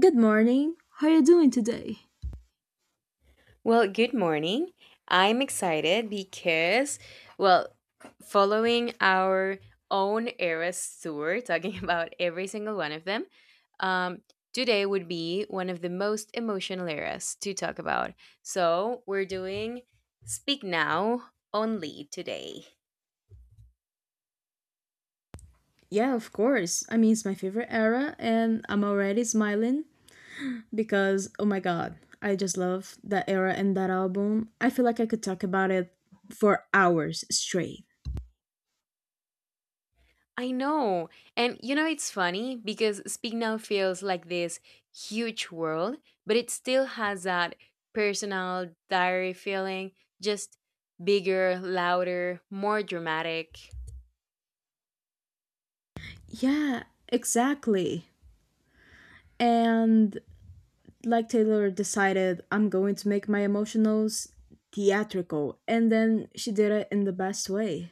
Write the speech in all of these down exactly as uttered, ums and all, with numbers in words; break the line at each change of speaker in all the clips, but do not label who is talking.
Good morning. How are you doing today?
Well, good morning. I'm excited because, well, following our own era's tour, talking about every single one of them, um, today would be one of the most emotional eras to talk about. So we're doing Speak Now only today.
Yeah, of course. I mean, it's my favorite era, and I'm already smiling because, oh my god, I just love that era and that album. I feel like I could talk about it for hours straight.
I know. And you know, it's funny because Speak Now feels like this huge world, but it still has that personal diary feeling, just bigger, louder, more dramatic.
Yeah, exactly. And like Taylor decided, I'm going to make my emotionals theatrical, and then she did it in the best way.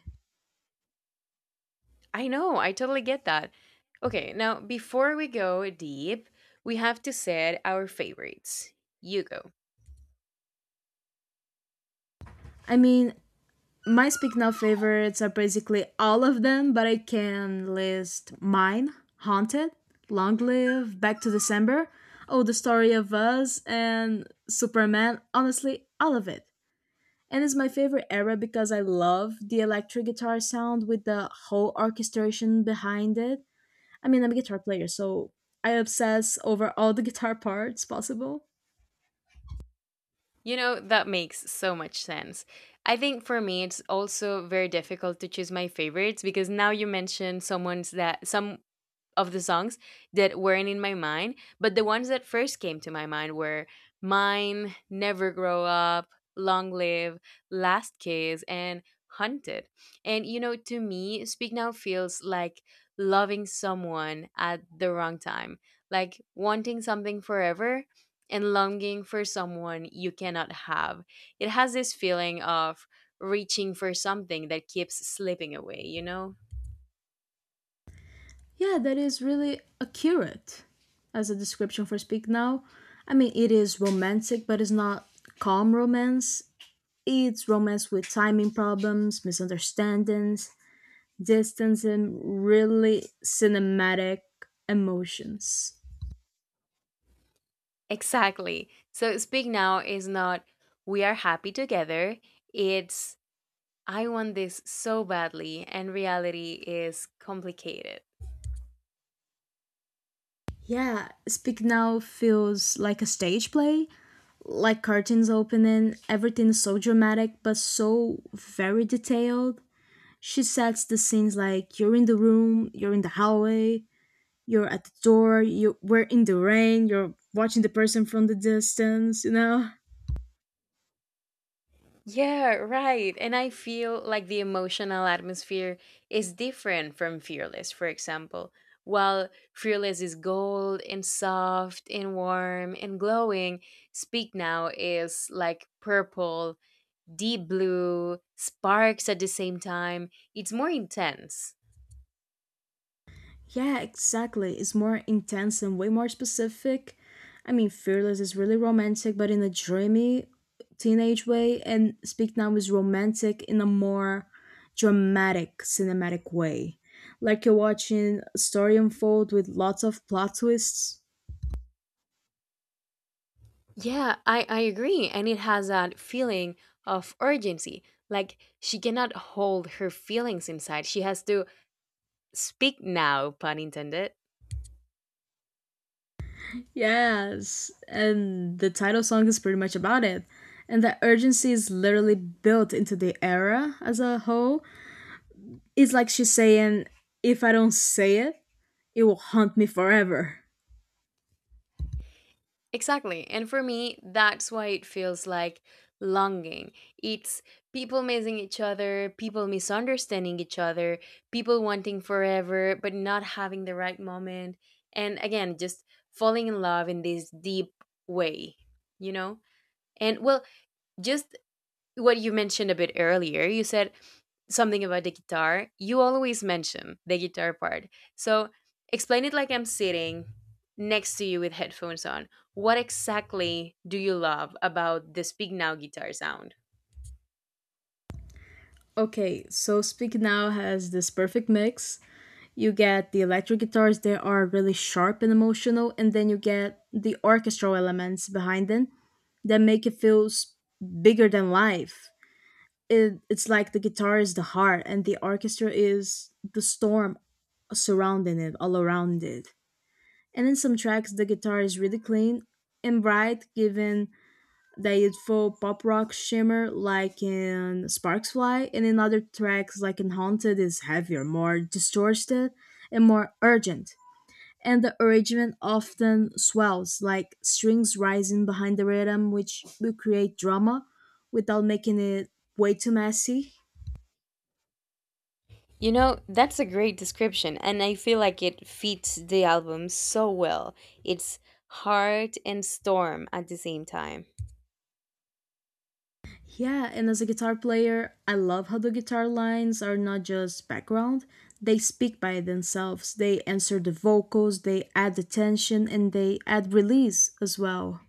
I know, I totally get that. Okay, now before we go deep, we have to set our favorites. You go.
I mean, My Speak Now favorites are basically all of them, but I can list mine, Haunted, Long Live, Back to December, Oh, The Story of Us, and Superman. Honestly, all of it. And it's my favorite era because I love the electric guitar sound with the whole orchestration behind it. I mean, I'm a guitar player, so I obsess over all the guitar parts possible.
You know, that makes so much sense. I think for me it's also very difficult to choose my favorites because now you mentioned someone's that some of the songs that weren't in my mind, but the ones that first came to my mind were Mine, Never Grow Up, Long Live, Last Kiss, and Hunted. And you know, to me, Speak Now feels like loving someone at the wrong time, like wanting something forever and longing for someone you cannot have. It has this feeling of reaching for something that keeps slipping away, you know?
Yeah, that is really accurate as a description for Speak Now. I mean, it is romantic, but it's not calm romance. It's romance with timing problems, misunderstandings, distance, and really cinematic emotions.
Exactly. So speak now is not we are happy together. It's I want this so badly and reality is complicated.
Yeah, Speak Now feels like a stage play, like curtains opening, everything is so dramatic but so very detailed. She sets the scenes like you're in the room, you're in the hallway, You're at the door, you we're in the rain, you're watching the person from the distance, you know?
Yeah, right. And I feel like the emotional atmosphere is different from Fearless, for example. While Fearless is gold and soft and warm and glowing, Speak Now is like purple, deep blue, sparks at the same time. It's more intense.
Yeah, exactly. It's more intense and way more specific. I mean, Fearless is really romantic, but in a dreamy teenage way, and Speak Now is romantic in a more dramatic, cinematic way. Like you're watching a story unfold with lots of plot twists.
Yeah, I, I agree. And it has that feeling of urgency. Like she cannot hold her feelings inside. She has to speak now, pun intended.
Yes, and the title song is pretty much about it. And that urgency is literally built into the era as a whole. It's like she's saying, if I don't say it, it will haunt me forever.
Exactly. And for me, that's why it feels like longing. It's people missing each other, people misunderstanding each other, people wanting forever, but not having the right moment. And again, just falling in love in this deep way, you know? And well, just what you mentioned a bit earlier. You said something about the guitar. You always mention the guitar part. So explain it like I'm sitting next to you with headphones on. What exactly do you love about the Speak Now guitar sound?
Okay, so Speak Now has this perfect mix. You get the electric guitars that are really sharp and emotional, and then you get the orchestral elements behind them that make it feel s- bigger than life. it, it's like the guitar is the heart and the orchestra is the storm surrounding it all around it. And in some tracks the guitar is really clean and bright, giving that youthful pop rock shimmer like in Sparks Fly, and in other tracks like in Haunted is heavier, more distorted and more urgent. And the arrangement often swells like strings rising behind the rhythm, which will create drama without making it way too messy.
You know, that's a great description, and I feel like it fits the album so well. It's heart and storm at the same time.
Yeah, and as a guitar player, I love how the guitar lines are not just background. They speak by themselves. They answer the vocals, they add the tension, and they add release as well.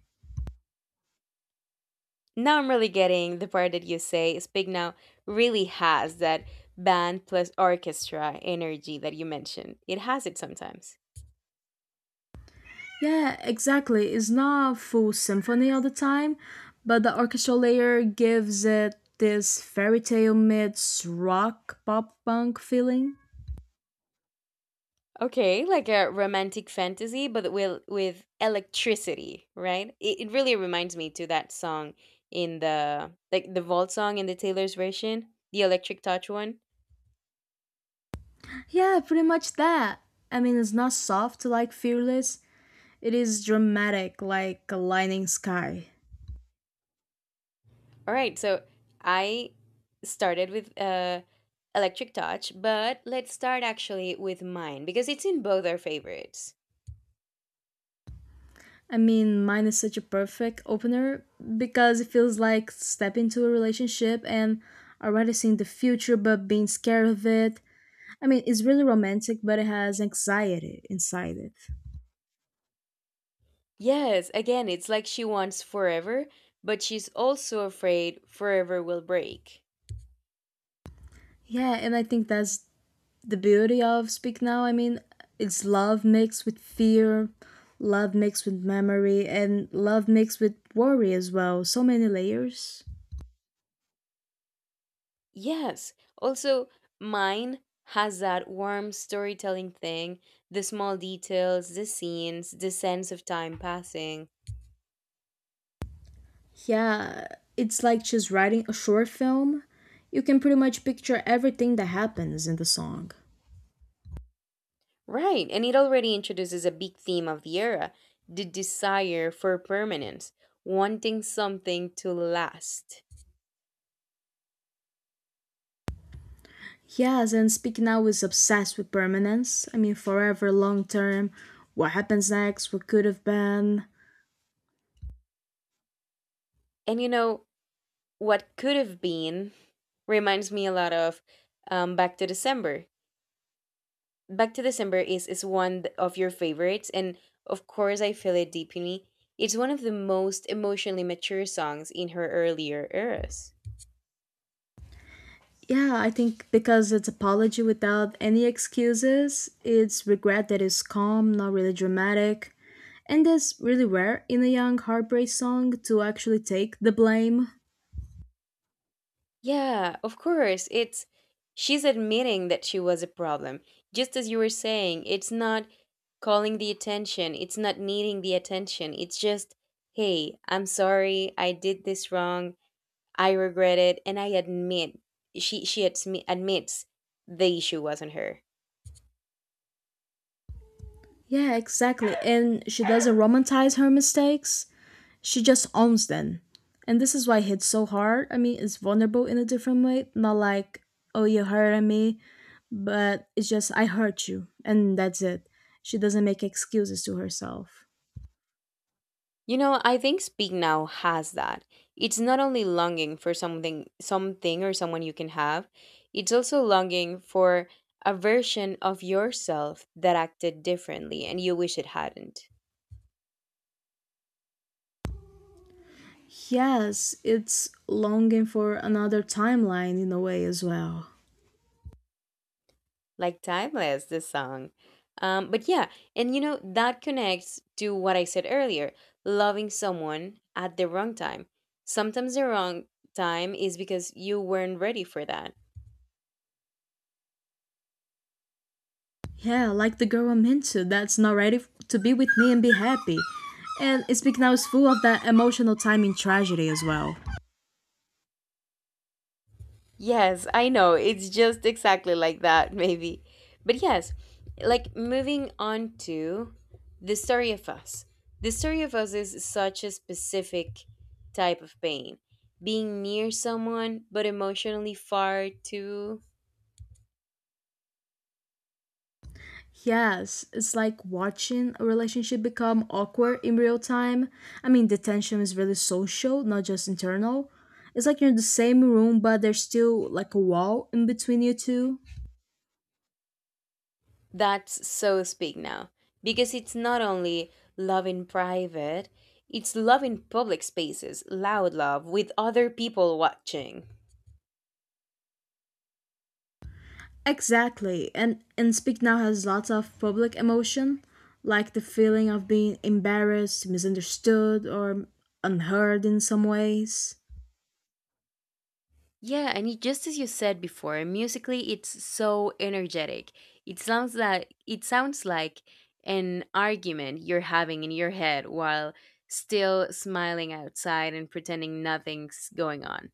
Now I'm really getting the part that you say Speak Now really has that band plus orchestra energy that you mentioned. It has it sometimes.
Yeah, exactly. It's not a full symphony all the time, but the orchestral layer gives it this fairy tale meets rock pop punk feeling.
Okay, like a romantic fantasy, but with with electricity, right? It, it really reminds me to that song in the like the vault song in the Taylor's version, the Electric Touch one.
Yeah, pretty much that. I mean, it's not soft like Fearless, it is dramatic like a lightning sky.
All right, so I started with uh Electric Touch, but let's start actually with mine because it's in both our favorites.
I mean, Mine is such a perfect opener because it feels like stepping into a relationship and already seeing the future but being scared of it. I mean, it's really romantic, but it has anxiety inside it.
Yes, again, it's like she wants forever, but she's also afraid forever will break.
Yeah, and I think that's the beauty of Speak Now. I mean, it's love mixed with fear, love mixed with memory, and love mixed with worry as well. So many layers.
Yes, also, mine has that warm storytelling thing the small details, the scenes, the sense of time passing.
Yeah, it's like she's writing a short film. You can pretty much picture everything that happens in the song.
Right, and it already introduces a big theme of the era the desire for permanence, wanting something to last.
Yes, and Speak Now is obsessed with permanence. I mean, forever, long term, what happens next, what could have been.
And you know, what could have been reminds me a lot of um, Back to December Back to December is is one th- of your favorites, and of course I feel it deep in me. It's one of the most emotionally mature songs in her earlier eras.
Yeah, I think because it's apology without any excuses, it's regret that is calm, not really dramatic. And that's really rare in a young heartbreak song to actually take the blame.
Yeah, of course. It's she's admitting that she was a problem. Just as you were saying, it's not calling the attention, it's not needing the attention. It's just, "Hey, I'm sorry. I did this wrong. I regret it." And I admit she she admi- admits the issue wasn't her.
Yeah, exactly. And she doesn't romanticize her mistakes. She just owns them. And this is why it hits so hard. I mean, it's vulnerable in a different way, not like, oh, you hurt me, but it's just, I hurt you, and that's it. She doesn't make excuses to herself.
You know, I think Speak Now has that. It's not only longing for something something or someone you can have, it's also longing for a version of yourself that acted differently and you wish it hadn't.
Yes, it's longing for another timeline in a way as well.
Like Timeless, this song. Um, but yeah, and you know, that connects to what I said earlier, loving someone at the wrong time. Sometimes the wrong time is because you weren't ready for that
Yeah, like the girl I'm into that's not ready f- to be with me and be happy. And Speak Now is full of that emotional timing tragedy as well.
Yes, I know. It's just exactly like that, maybe. But yes, like moving on to the story of us. The story of us is such a specific type of pain. Being near someone, but emotionally far too.
Yes, it's like watching a relationship become awkward in real time. I mean, the tension is really social, not just internal. It's like you're in the same room, but there's still like a wall in between you two.
That's so speak now. Because it's not only love in private, it's love in public spaces, loud love, with other people watching.
Exactly, and and Speak Now has lots of public emotion, like the feeling of being embarrassed, misunderstood, or unheard in some ways.
Yeah, and it, just as you said before, musically it's so energetic. It sounds that it sounds like an argument you're having in your head while still smiling outside and pretending nothing's going on.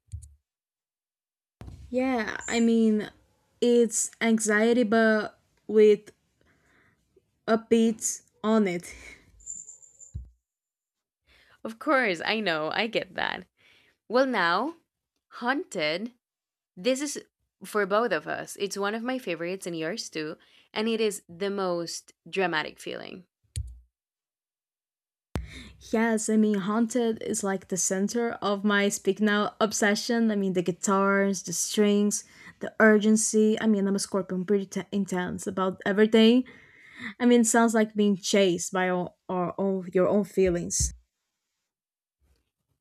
Yeah, I mean, it's anxiety, but with a beat on it.
Of course, I know, I get that. Well, now, Haunted, this is for both of us. It's one of my favorites and yours too, and it is the most dramatic feeling.
Yes, I mean, Haunted is like the center of my Speak Now obsession. I mean, the guitars, the strings, the urgency. I mean, I'm a Scorpion, pretty t- intense about everything. I mean, it sounds like being chased by all, our own, your own feelings.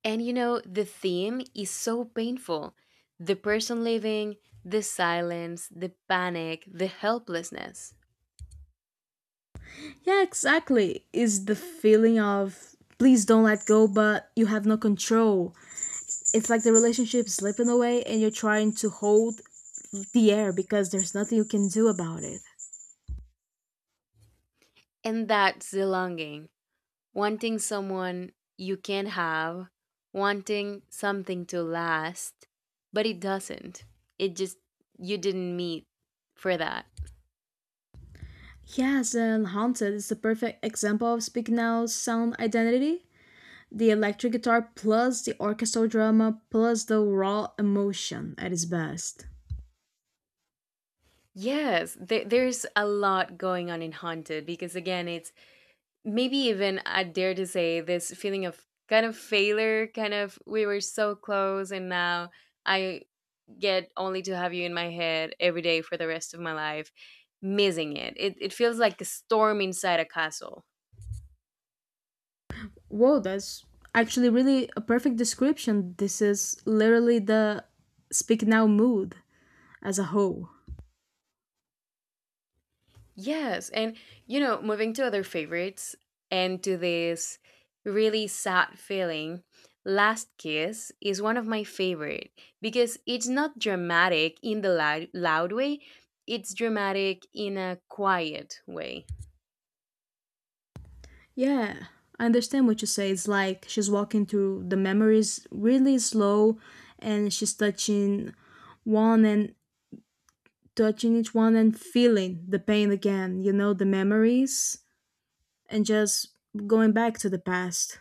And you know, the theme is so painful. The person leaving, the silence, the panic, the helplessness.
Yeah, exactly. Is the feeling of please don't let go, but you have no control. It's like the relationship slipping away and you're trying to hold the air because there's nothing you can do about it.
And that's the longing. Wanting someone you can have, wanting something to last, but it doesn't. It just, you didn't meet for that.
Yes, and Haunted is the perfect example of Speak Now's sound identity. The electric guitar plus the orchestral drama plus the raw emotion at its best.
Yes, there, there's a lot going on in Haunted because, again, it's maybe even I dare to say this feeling of kind of failure, kind of we were so close and now I get only to have you in my head every day for the rest of my life, missing it. It it feels like a storm inside a castle.
Whoa, that's actually really a perfect description. This is literally the Speak Now mood as a whole.
Yes. And, you know, moving to other favorites and to this really sad feeling, Last Kiss is one of my favorite because it's not dramatic in the loud, loud way, it's dramatic in a quiet way.
Yeah, I understand what you say. It's like she's walking through the memories really slow and she's touching one and touching each one and feeling the pain again, you know, the memories, and just going back to the past.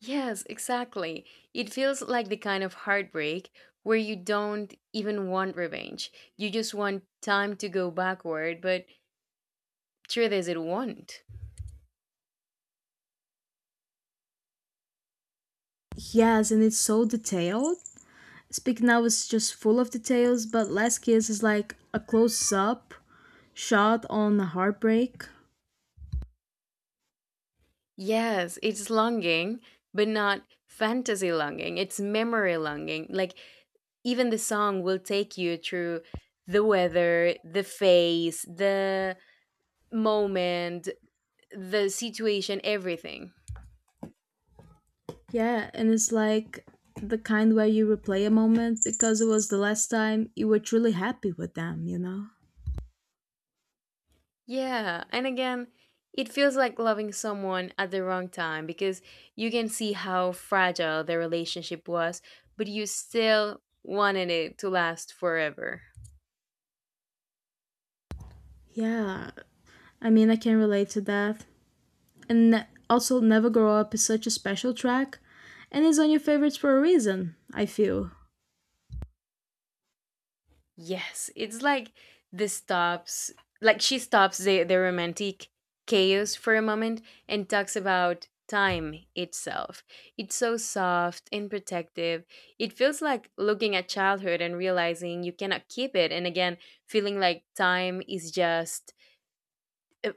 Yes, exactly. It feels like the kind of heartbreak where you don't even want revenge. You just want time to go backward, but sure does it won't.
Yes, and it's so detailed. Speak Now is just full of details, but Last Kiss is like a close up shot on a heartbreak.
Yes, it's longing, but not fantasy longing. It's memory longing. Like even the song will take you through the weather, the face, the moment, the situation, everything.
Yeah, and it's like the kind where you replay a moment because it was the last time you were truly happy with them, you know?
Yeah, and again, it feels like loving someone at the wrong time because you can see how fragile the relationship was, but you still wanted it to last forever.
Yeah, I mean, I can relate to that. And ne- also Never Grow Up is such a special track and it's on your favorites for a reason, I feel.
Yes, it's like the stops, like she stops the, the romantic chaos for a moment and talks about time itself. It's so soft and protective. It feels like looking at childhood and realizing you cannot keep it. And again, feeling like time is just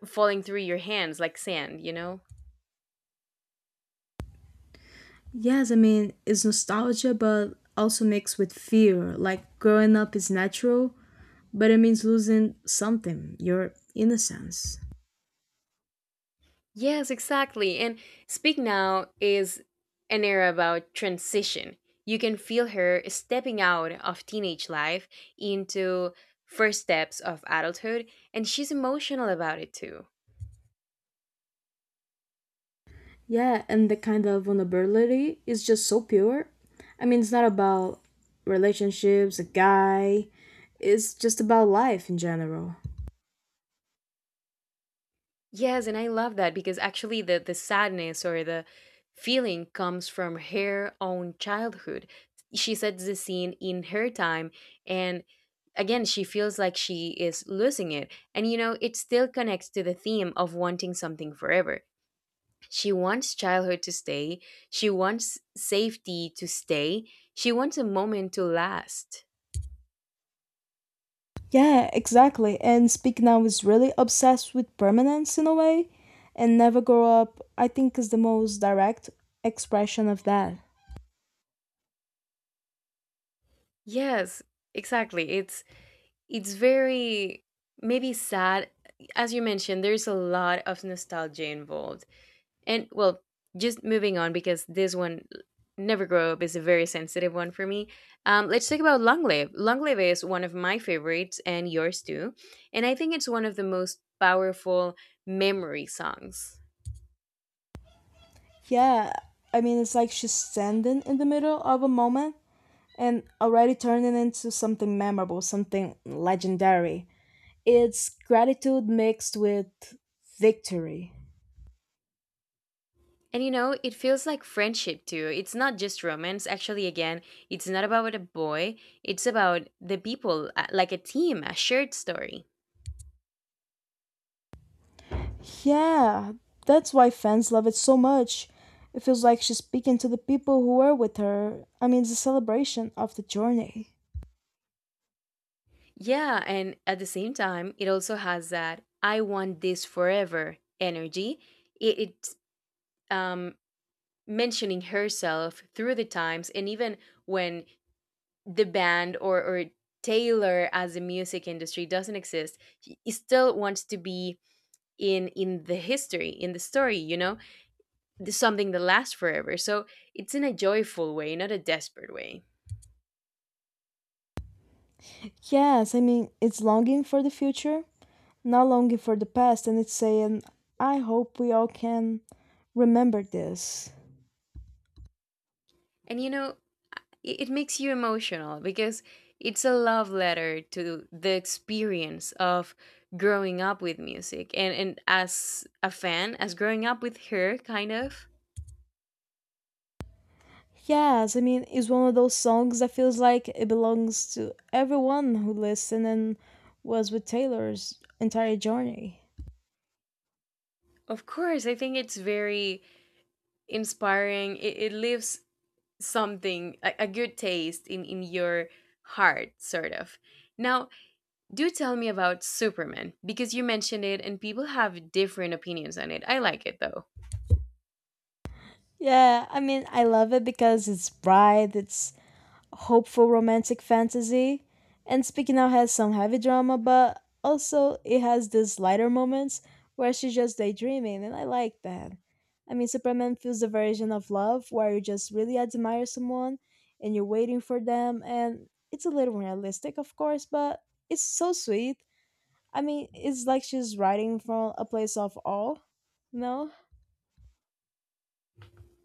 falling through your hands like sand, you know?
Yes, I mean, it's nostalgia but also mixed with fear. Like growing up is natural, but it means losing something, your innocence.
Yes, exactly. And Speak Now is an era about transition. You can feel her stepping out of teenage life into first steps of adulthood, and she's emotional about it too.
Yeah, and the kind of vulnerability is just so pure. I mean, it's not about relationships, a guy, it's just about life in general.
Yes, and I love that because actually the, the sadness or the feeling comes from her own childhood. She sets the scene in her time, and again, she feels like she is losing it. And you know, it still connects to the theme of wanting something forever She wants childhood to stay. She wants safety to stay. She wants a moment to last.
Yeah, exactly. And Speak Now is really obsessed with permanence in a way, and Never Grow Up, I think, is the most direct expression of that.
Yes, exactly. It's it's very maybe sad. As you mentioned, there's a lot of nostalgia involved. And well, just moving on because this one Never Grow Up is a very sensitive one for me. Um, let's talk about Long Live. Long Live is one of my favorites and yours too. And I think it's one of the most powerful memory songs.
Yeah, I mean, it's like she's standing in the middle of a moment and already turning into something memorable, something legendary. It's gratitude mixed with victory.
And you know, it feels like friendship too. It's not just romance. Actually, again, it's not about a boy, it's about the people, uh, like a team, a shared story.
Yeah, that's why fans love it so much. It feels like she's speaking to the people who were with her. I mean, it's a celebration of the journey.
Yeah, and at the same time, it also has that I want this forever energy. It, it's um, mentioning herself through the times, and even when the band or, or Taylor as the music industry doesn't exist, he he still wants to be in in the history, in the story, you know? Th- something that lasts forever. So it's in a joyful way, not a desperate way.
Yes, I mean, it's longing for the future, not longing for the past, and it's saying, I hope we all can remember this.
And you know, it, it makes you emotional because it's a love letter to the experience of growing up with music. And and as a fan, as growing up with her, kind of.
Yes, I mean, it's one of those songs that feels like it belongs to everyone who listened and was with Taylor's entire journey.
Of course, I think it's very inspiring. It, it leaves something, a, a good taste in, in your heart, sort of. Now, do tell me about Superman because you mentioned it and people have different opinions on it. I like it though.
Yeah, I mean, I love it because it's bright, it's hopeful romantic fantasy. And Speaking Out has some heavy drama, but also it has these lighter moments where she's just daydreaming, and I like that. I mean, Superman feels the version of love where you just really admire someone and you're waiting for them, and it's a little realistic, of course, but it's so sweet. I mean, it's like she's writing from a place of awe, no?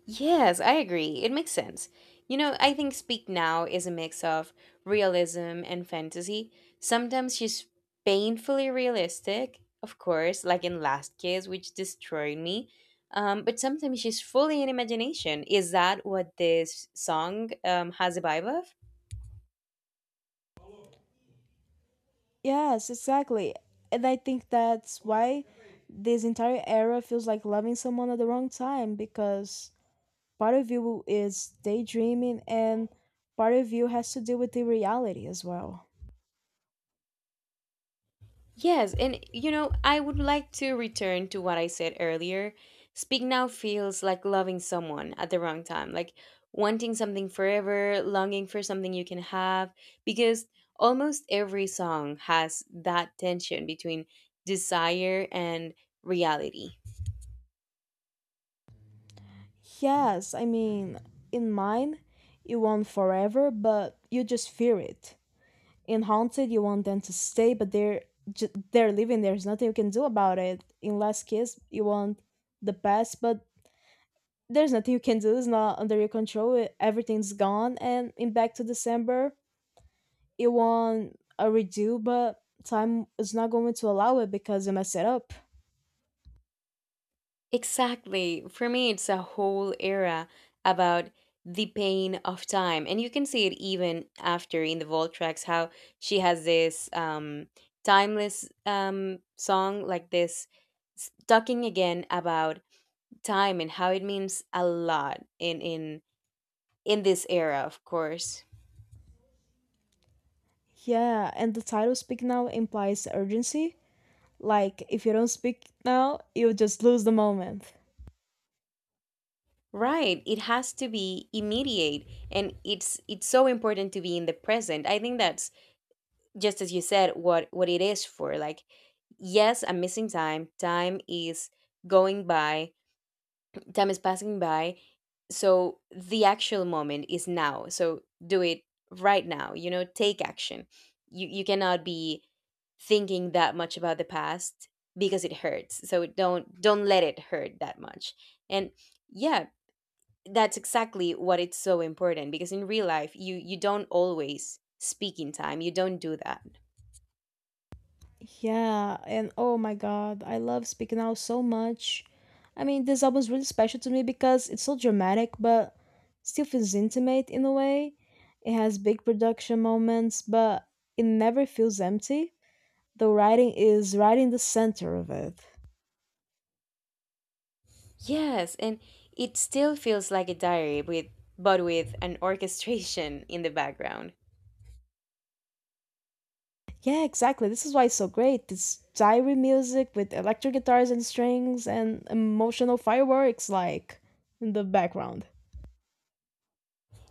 Yes, I agree. It makes sense. You know, I think Speak Now is a mix of realism and fantasy. Sometimes she's painfully realistic, of course, like in Last Kiss, which destroyed me. Um, but sometimes she's fully in imagination. Is that what this song um, has a vibe of?
Yes, exactly. And I think that's why this entire era feels like loving someone at the wrong time because part of you is daydreaming and part of you has to deal with the reality as well.
Yes, and you know, I would like to return to what I said earlier. Speak now feels like loving someone at the wrong time, like wanting something forever, longing for something you can have, because almost every song has that tension between desire and reality.
Yes, I mean, in Mine, you want forever, but you just fear it. In Haunted, you want them to stay, but they're ju- they're leaving. There's nothing you can do about it. In Last Kiss, you want the best, but there's nothing you can do. It's not under your control. e- Everything's gone. And in Back to December, it won a redo, but time is not going to allow it because you messed it up.
Exactly. For me, it's a whole era about the pain of time. And you can see it even after in the Vault tracks, how she has this um, timeless um, song, like this s- talking again about time and how it means a lot in in in this era of course
Yeah, and the title Speak Now implies urgency. Like, if you don't speak now, you'll just lose the moment.
right it has to be immediate and it's it's so important to be in the present I think that's just as you said what what it is for like yes I'm missing time time is going by time is passing by so the actual moment is now so do it right now you know take action you you cannot be thinking that much about the past because it hurts so don't don't let it hurt that much and yeah that's exactly what it's so important because in real life you you don't always speak in time you don't do that
Yeah, and oh my god, I love Speaking Out so much. I mean, this album is really special to me because it's so dramatic, but still feels intimate in a way. It has big production moments, but it never feels empty. The writing is right in the center of it.
Yes, and it still feels like a diary with but with an orchestration in the background.
Yeah, exactly. This is why it's so great. It's diary music with electric guitars and strings and emotional fireworks like in the background.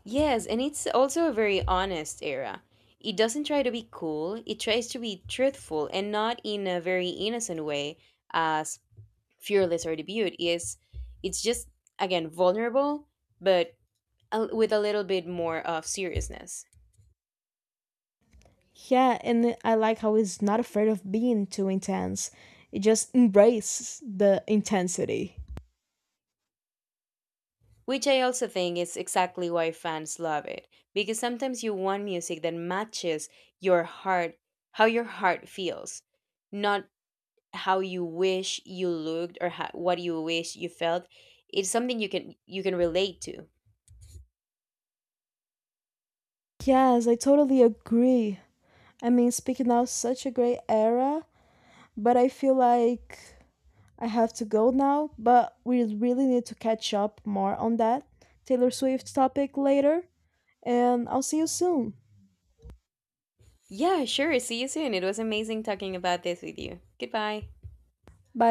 Yes, and it's also a very honest era. It doesn't try to be cool, it tries to be truthful and not in a very innocent way as Fearless or Debut is. It's just again vulnerable, but a, with a little bit more of seriousness.
Yeah, and I like how he's not afraid of being too intense. It just embraces the intensity.
Which I also think is exactly why fans love it, because sometimes you want music that matches your heart, how your heart feels, not how you wish you looked or how, what you wish you felt. It's something you can you can relate to.
Yes, I totally agree. I mean, speaking of such a great era, but I feel like I have to go now, but we really need to catch up more on that Taylor Swift topic later, and I'll see you soon.
Yeah, sure. See you soon. It was amazing talking about this with you. Goodbye.
Bye.